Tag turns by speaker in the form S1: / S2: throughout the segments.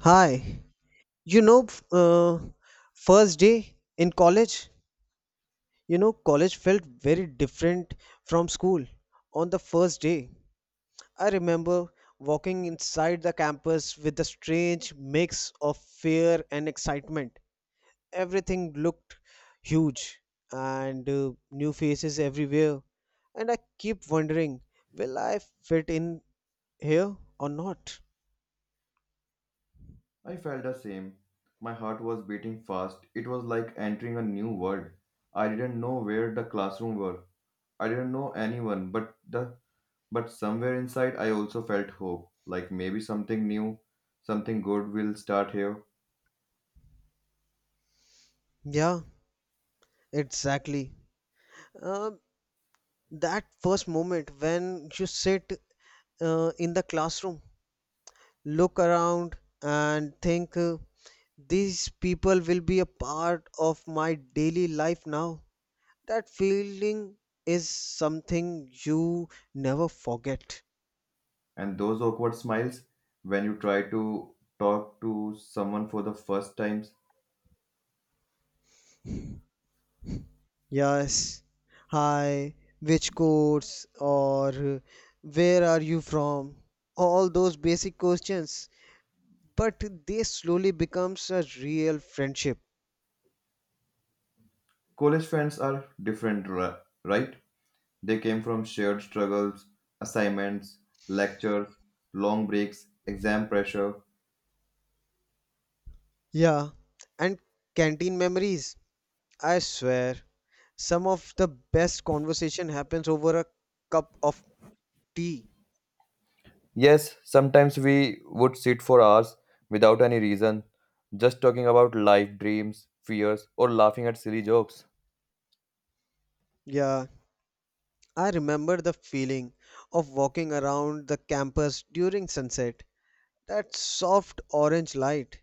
S1: Hi, you know, f- uh, first day in college. College felt very different from school on the first day. I remember walking inside the campus with a strange mix of fear and excitement. Everything looked huge and new faces everywhere. And I keep wondering, will I fit in here or not?
S2: I felt the same. My heart was beating fast. It was like entering a new world. I didn't know where the classroom were. I didn't know anyone, but somewhere inside I also felt hope, like maybe something new, something good will start here.
S1: Yeah, exactly. Um that first moment when you sit in the classroom, look around, and think, these people will be a part of my daily life now. That feeling is something you never forget.
S2: And those awkward smiles when you try to talk to someone for the first times.
S1: Yes. Hi, which course, or where are you from? All those basic questions, but they slowly becomes a real friendship.
S2: College friends are different, right? They came from shared struggles, assignments, lectures, long breaks, exam pressure.
S1: Yeah, and canteen memories. I swear, some of the best conversation happens over a cup of tea.
S2: Yes, sometimes we would sit for hours without any reason, just talking about life, dreams, fears, or laughing at silly jokes.
S1: Yeah, I remember the feeling of walking around the campus during sunset. That soft orange light,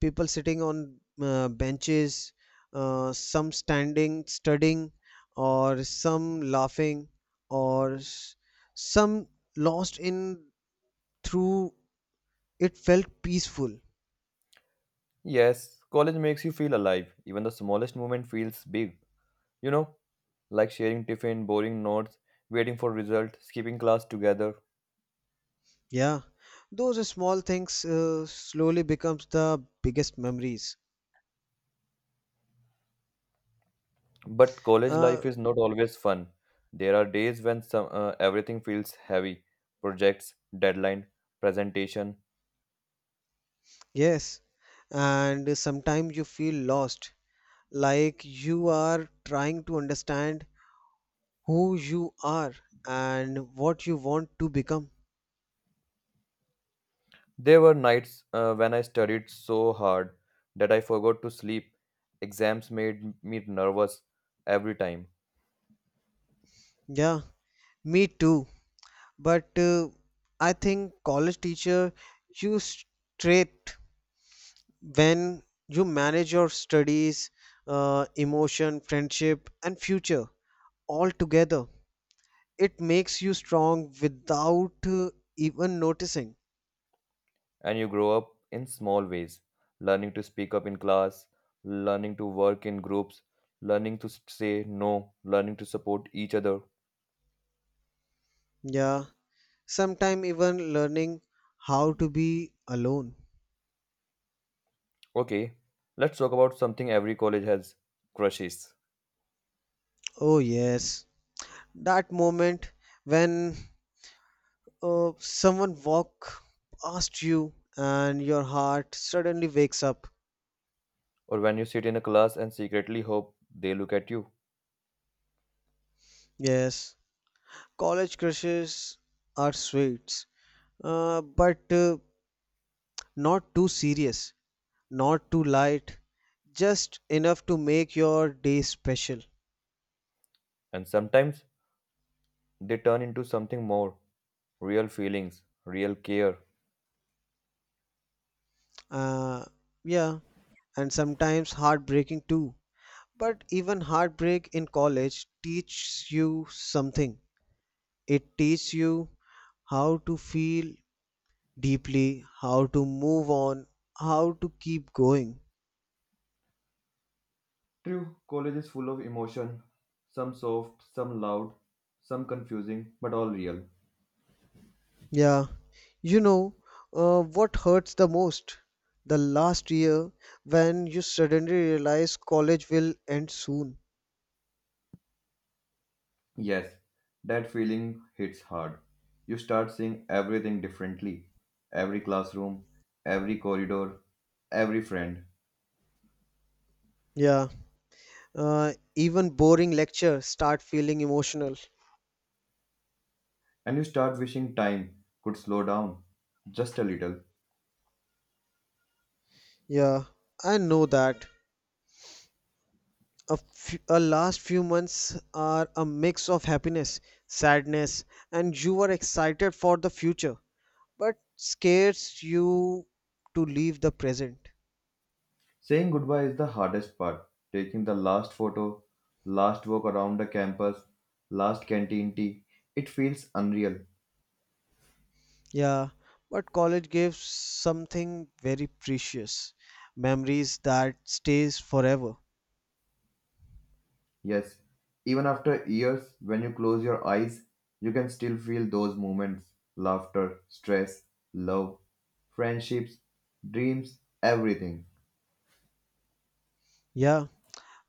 S1: people sitting on benches, some standing, studying, or some laughing, or s- some lost in through. It felt peaceful.
S2: Yes, college makes you feel alive. Even the smallest moment feels big. You know, like sharing tiffin, boring notes, waiting for result, skipping class together.
S1: Yeah, those small things slowly becomes the biggest memories.
S2: But college
S1: Uh,
S2: life is not always fun. There are days when everything feels heavy, projects, deadline, presentation.
S1: yes, and sometimes you feel lost, like you are trying to understand who you are and what you want to become.
S2: There were nights when I studied so hard that I forgot to sleep. Exams made me nervous every time.
S1: Yeah, me too. But I think college teacher, you straight when you manage your studies, emotion, friendship, and future all together it makes you strong without even noticing.
S2: And you grow up in small ways, learning to speak up in class, learning to work in groups, learning to say no, learning to support each other.
S1: Yeah, sometime even learning how to be alone.
S2: Okay, let's talk about something every college has, crushes.
S1: Oh yes, that moment when someone walk past you and your heart suddenly wakes up.
S2: Or when you sit in a class and secretly hope they look at you.
S1: Yes, college crushes are sweet, but not too serious, not too light, just enough to make your day special.
S2: And sometimes they turn into something more, real feelings, real care.
S1: Uh, yeah, and sometimes heartbreaking too. But even heartbreak in college teaches you something. It teaches you how to feel deeply, how to move on, how to keep going.
S2: True, college is full of emotion, some soft, some loud, some confusing, but all real.
S1: Yeah, you know what hurts the most? The last year when you suddenly realize college will end soon.
S2: Yes, that feeling hits hard. You start seeing everything differently, every classroom, every corridor, every friend.
S1: Yeah, even boring lectures start feeling emotional.
S2: And you start wishing time could slow down just a little.
S1: Yeah, I know that a last few months are a mix of happiness, sadness, and you are excited for the future, but scares you to leave the present.
S2: Saying goodbye is the hardest part. Taking the last photo, last walk around the campus, last canteen tea, it feels unreal.
S1: Yeah, but college gives something very precious, memories that stays forever.
S2: Yes, even after years, when you close your eyes, you can still feel those moments, laughter, stress, love, friendships, dreams, everything.
S1: Yeah,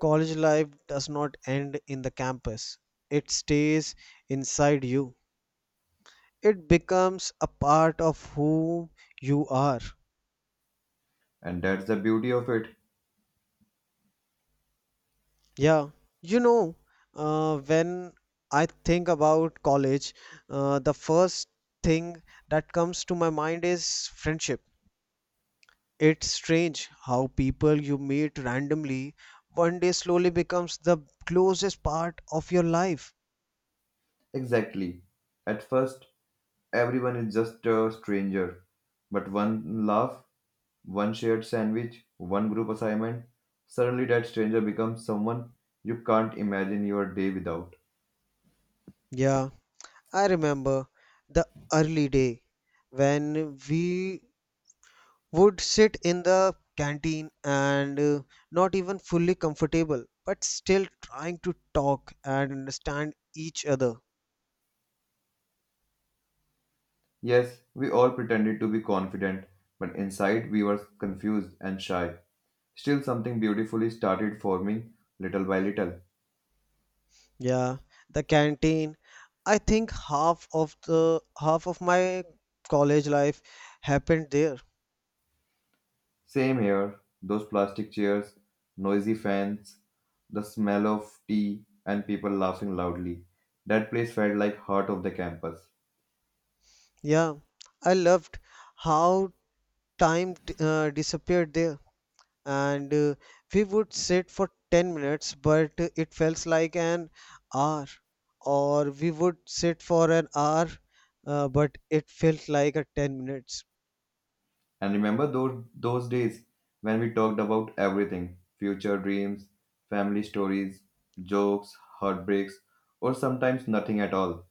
S1: college life does not end in the campus. It stays inside you. It becomes a part of who you are.
S2: And that's the beauty of it.
S1: Yeah, you know, when I think about college, the first thing that comes to my mind is friendship. It's strange how people you meet randomly one day slowly becomes the closest part of your life.
S2: Exactly. At first, everyone is just a stranger. But one laugh, one shared sandwich, one group assignment, suddenly that stranger becomes someone you can't imagine your day without.
S1: Yeah, I remember the early day when we would sit in the canteen and not even fully comfortable, but still trying to talk and understand each other.
S2: Yes, we all pretended to be confident, but inside we were confused and shy. Still, something beautifully started forming little by little.
S1: Yeah, the canteen. I think half of my college life happened there.
S2: Same here, those plastic chairs, noisy fans, the smell of tea, and people laughing loudly. That place felt like heart of the campus.
S1: Yeah, I loved how time disappeared there, and we would sit for 10 minutes but it felt like an hour, or we would sit for an hour but it felt like a 10 minutes.
S2: And remember those days when we talked about everything, future dreams, family stories, jokes, heartbreaks, or sometimes nothing at all.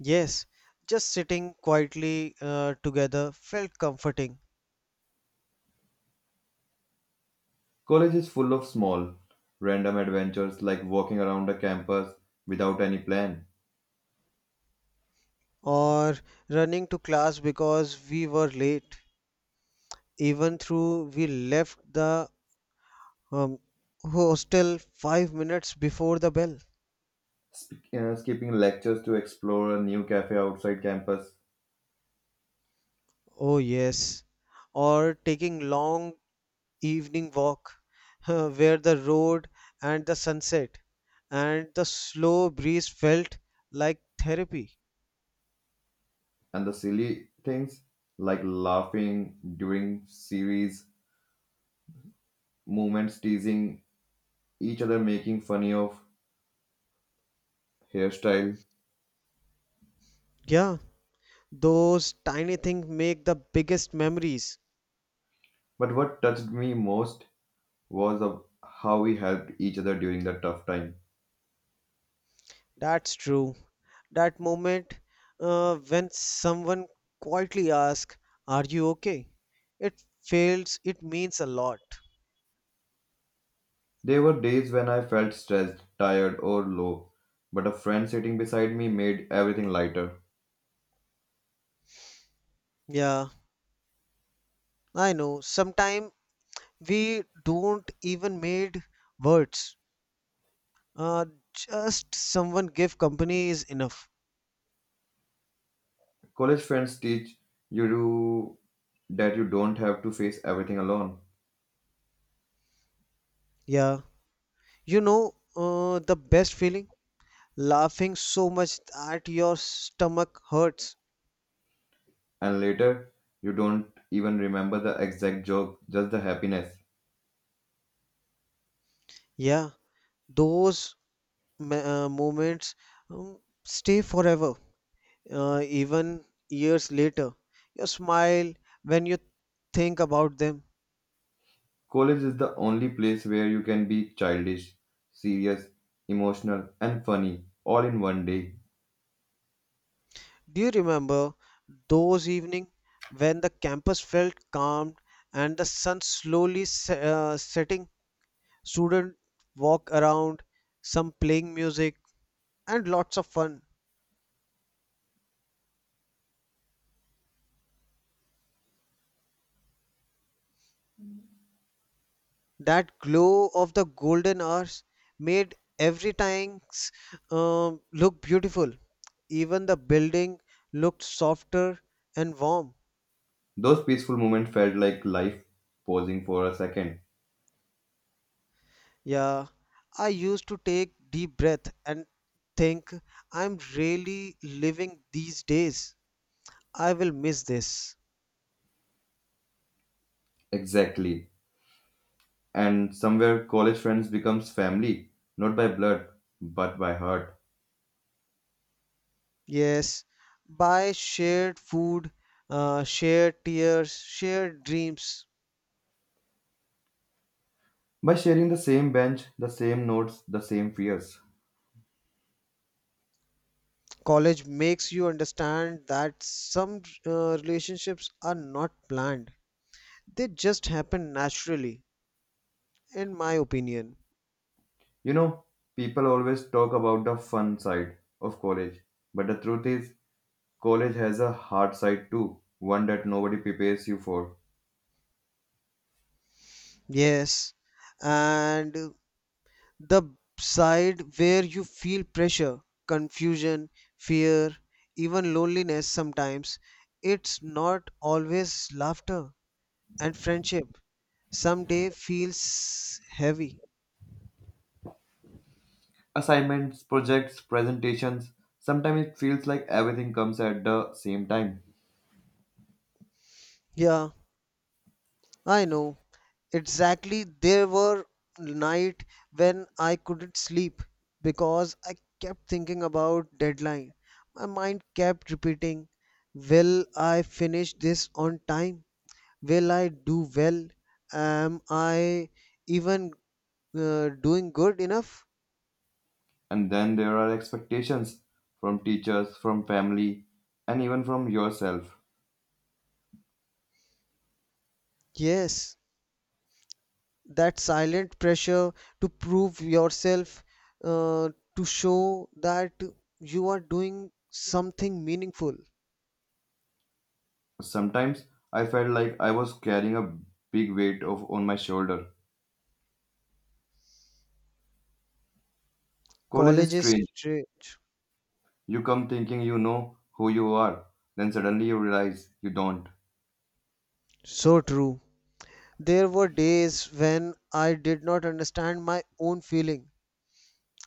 S1: Yes, just sitting quietly together felt comforting,
S2: College is full of small, random adventures, like walking around the campus without any plan,
S1: or running to class because we were late even through we left the um, hostel 5 minutes before the bell.
S2: skipping lectures to explore a new cafe outside campus,
S1: Oh yes, or taking long evening walk where the road and the sunset and the slow breeze felt like therapy.
S2: and the silly things like laughing during series moments, teasing each other, making funny of hairstyle.
S1: Yeah, those tiny things make the biggest memories.
S2: But what touched me most was of how we helped each other during the tough time.
S1: That's true. That moment when someone quietly asks, "Are you okay?" It feels, it means a lot.
S2: There were days when I felt stressed, tired, or low, but a friend sitting beside me made everything lighter.
S1: Yeah, I know. Sometimes we don't even made words. Uh, just someone give company is enough.
S2: College friends teach you that you don't have to face everything alone,
S1: Yeah, you know, the best feeling? Laughing so much that your stomach hurts.
S2: and later you don't even remember the exact joke, just the happiness.
S1: Yeah, those moments stay forever, even years later. You smile when you think about them.
S2: College is the only place where you can be childish, serious, emotional, and funny all in one day.
S1: Do you remember those evening when the campus felt calm and the sun slowly setting? Students walk around, some playing music, and lots of fun. That glow of the golden hours made every tanks look beautiful. Even the building looked softer and warm.
S2: Those peaceful moments felt like life pausing for a second.
S1: Yeah, I used to take deep breath and think, I'm really living these days. I will miss this.
S2: Exactly. And somewhere, college friends becomes family, not by blood, but by heart.
S1: Yes, by shared food, shared tears, shared dreams,
S2: By sharing the same bench, the same notes, the same fears.
S1: college makes you understand that some uh, relationships are not planned, they just happen naturally, in my opinion.
S2: You know, people always talk about the fun side of college, but the truth is, college has a hard side too, one that nobody prepares you for.
S1: Yes, and the side where you feel pressure, confusion, fear, even loneliness sometimes. It's not always laughter and friendship. Someday feels heavy.
S2: Assignments, projects, presentations, sometimes it feels like everything comes at the same time.
S1: Yeah, I know. Exactly, there were night when I couldn't sleep because I kept thinking about deadline. My mind kept repeating, will I finish this on time? Will I do well? Am I even doing good enough?
S2: And then there are expectations from teachers, from family, and even from yourself.
S1: Yes, that silent pressure to prove yourself, uh, to show that you are doing something meaningful.
S2: Sometimes I felt like I was carrying a big weight of on my shoulder. College is
S1: College is
S2: strange.
S1: strange.
S2: You come thinking you know who you are, then suddenly you realize you don't.
S1: So true. There were days when I did not understand my own feeling.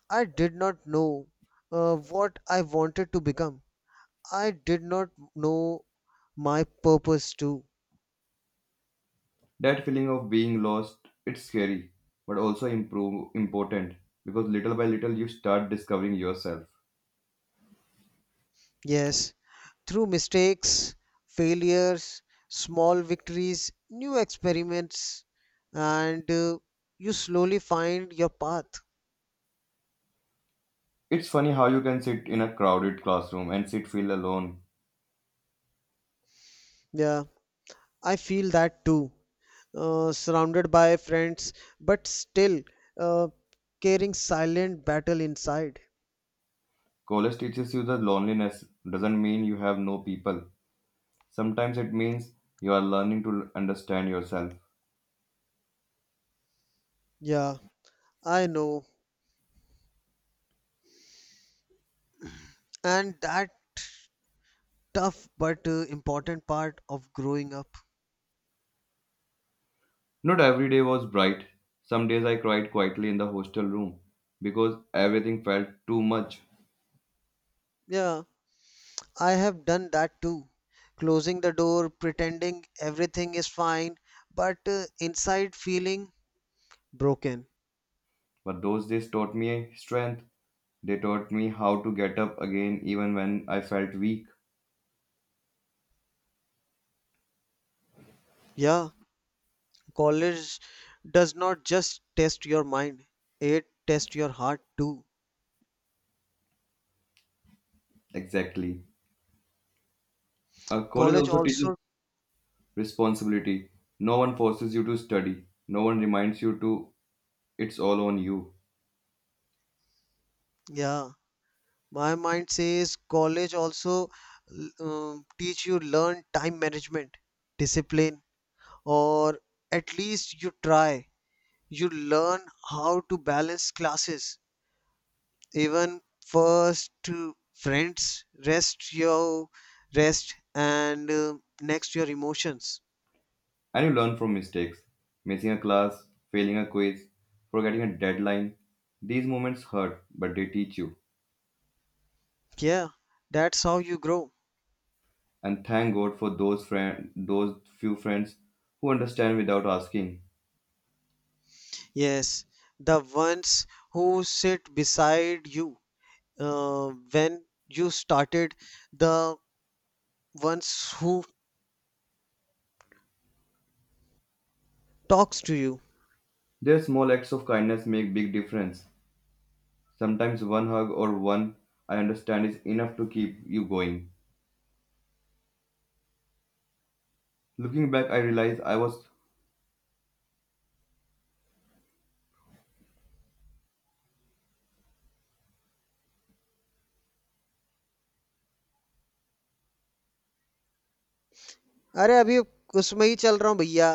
S1: I did not know what I wanted to become. I did not know my purpose too.
S2: That feeling of being lost, it's scary, but also improve, important, because little by little you start discovering yourself.
S1: Yes, through mistakes, failures, small victories, new experiments, and you slowly find your path.
S2: It's funny how you can sit in a crowded classroom and sit feel alone.
S1: Yeah, I feel that too. Surrounded by friends, but still uh, carrying silent battle inside.
S2: College teaches you that loneliness doesn't mean you have no people. Sometimes it means you are learning to understand yourself.
S1: Yeah, I know. And that tough but important part of growing up.
S2: Not every day was bright. Some days I cried quietly in the hostel room because everything felt too much.
S1: Yeah, I have done that too. Closing the door, pretending everything is fine, but inside feeling broken.
S2: But those days taught me strength. They taught me how to get up again even when I felt weak.
S1: Yeah, college does not just test your mind, it tests your heart too.
S2: Exactly. College
S1: College
S2: also teaches
S1: also,
S2: responsibility. No one forces you to study. No one reminds you to, it's all on you.
S1: yeah. My mind says college also teach you learn time management, discipline, or at least you try. You learn how to balance classes, even first to friends, rest your rest, and next your emotions.
S2: And you learn from mistakes. Missing a class, failing a quiz, forgetting a deadline. These moments hurt, but they teach you.
S1: Yeah, that's how you grow.
S2: And thank God for those few friends who understand without asking.
S1: Yes, the ones who sit beside you when you started the ones who talks to you
S2: Their small acts of kindness make big difference. Sometimes one hug or one I understand is enough to keep you going. Looking back, I realize I was
S1: अरे अभी उसमें ही चल रहा हूँ भैया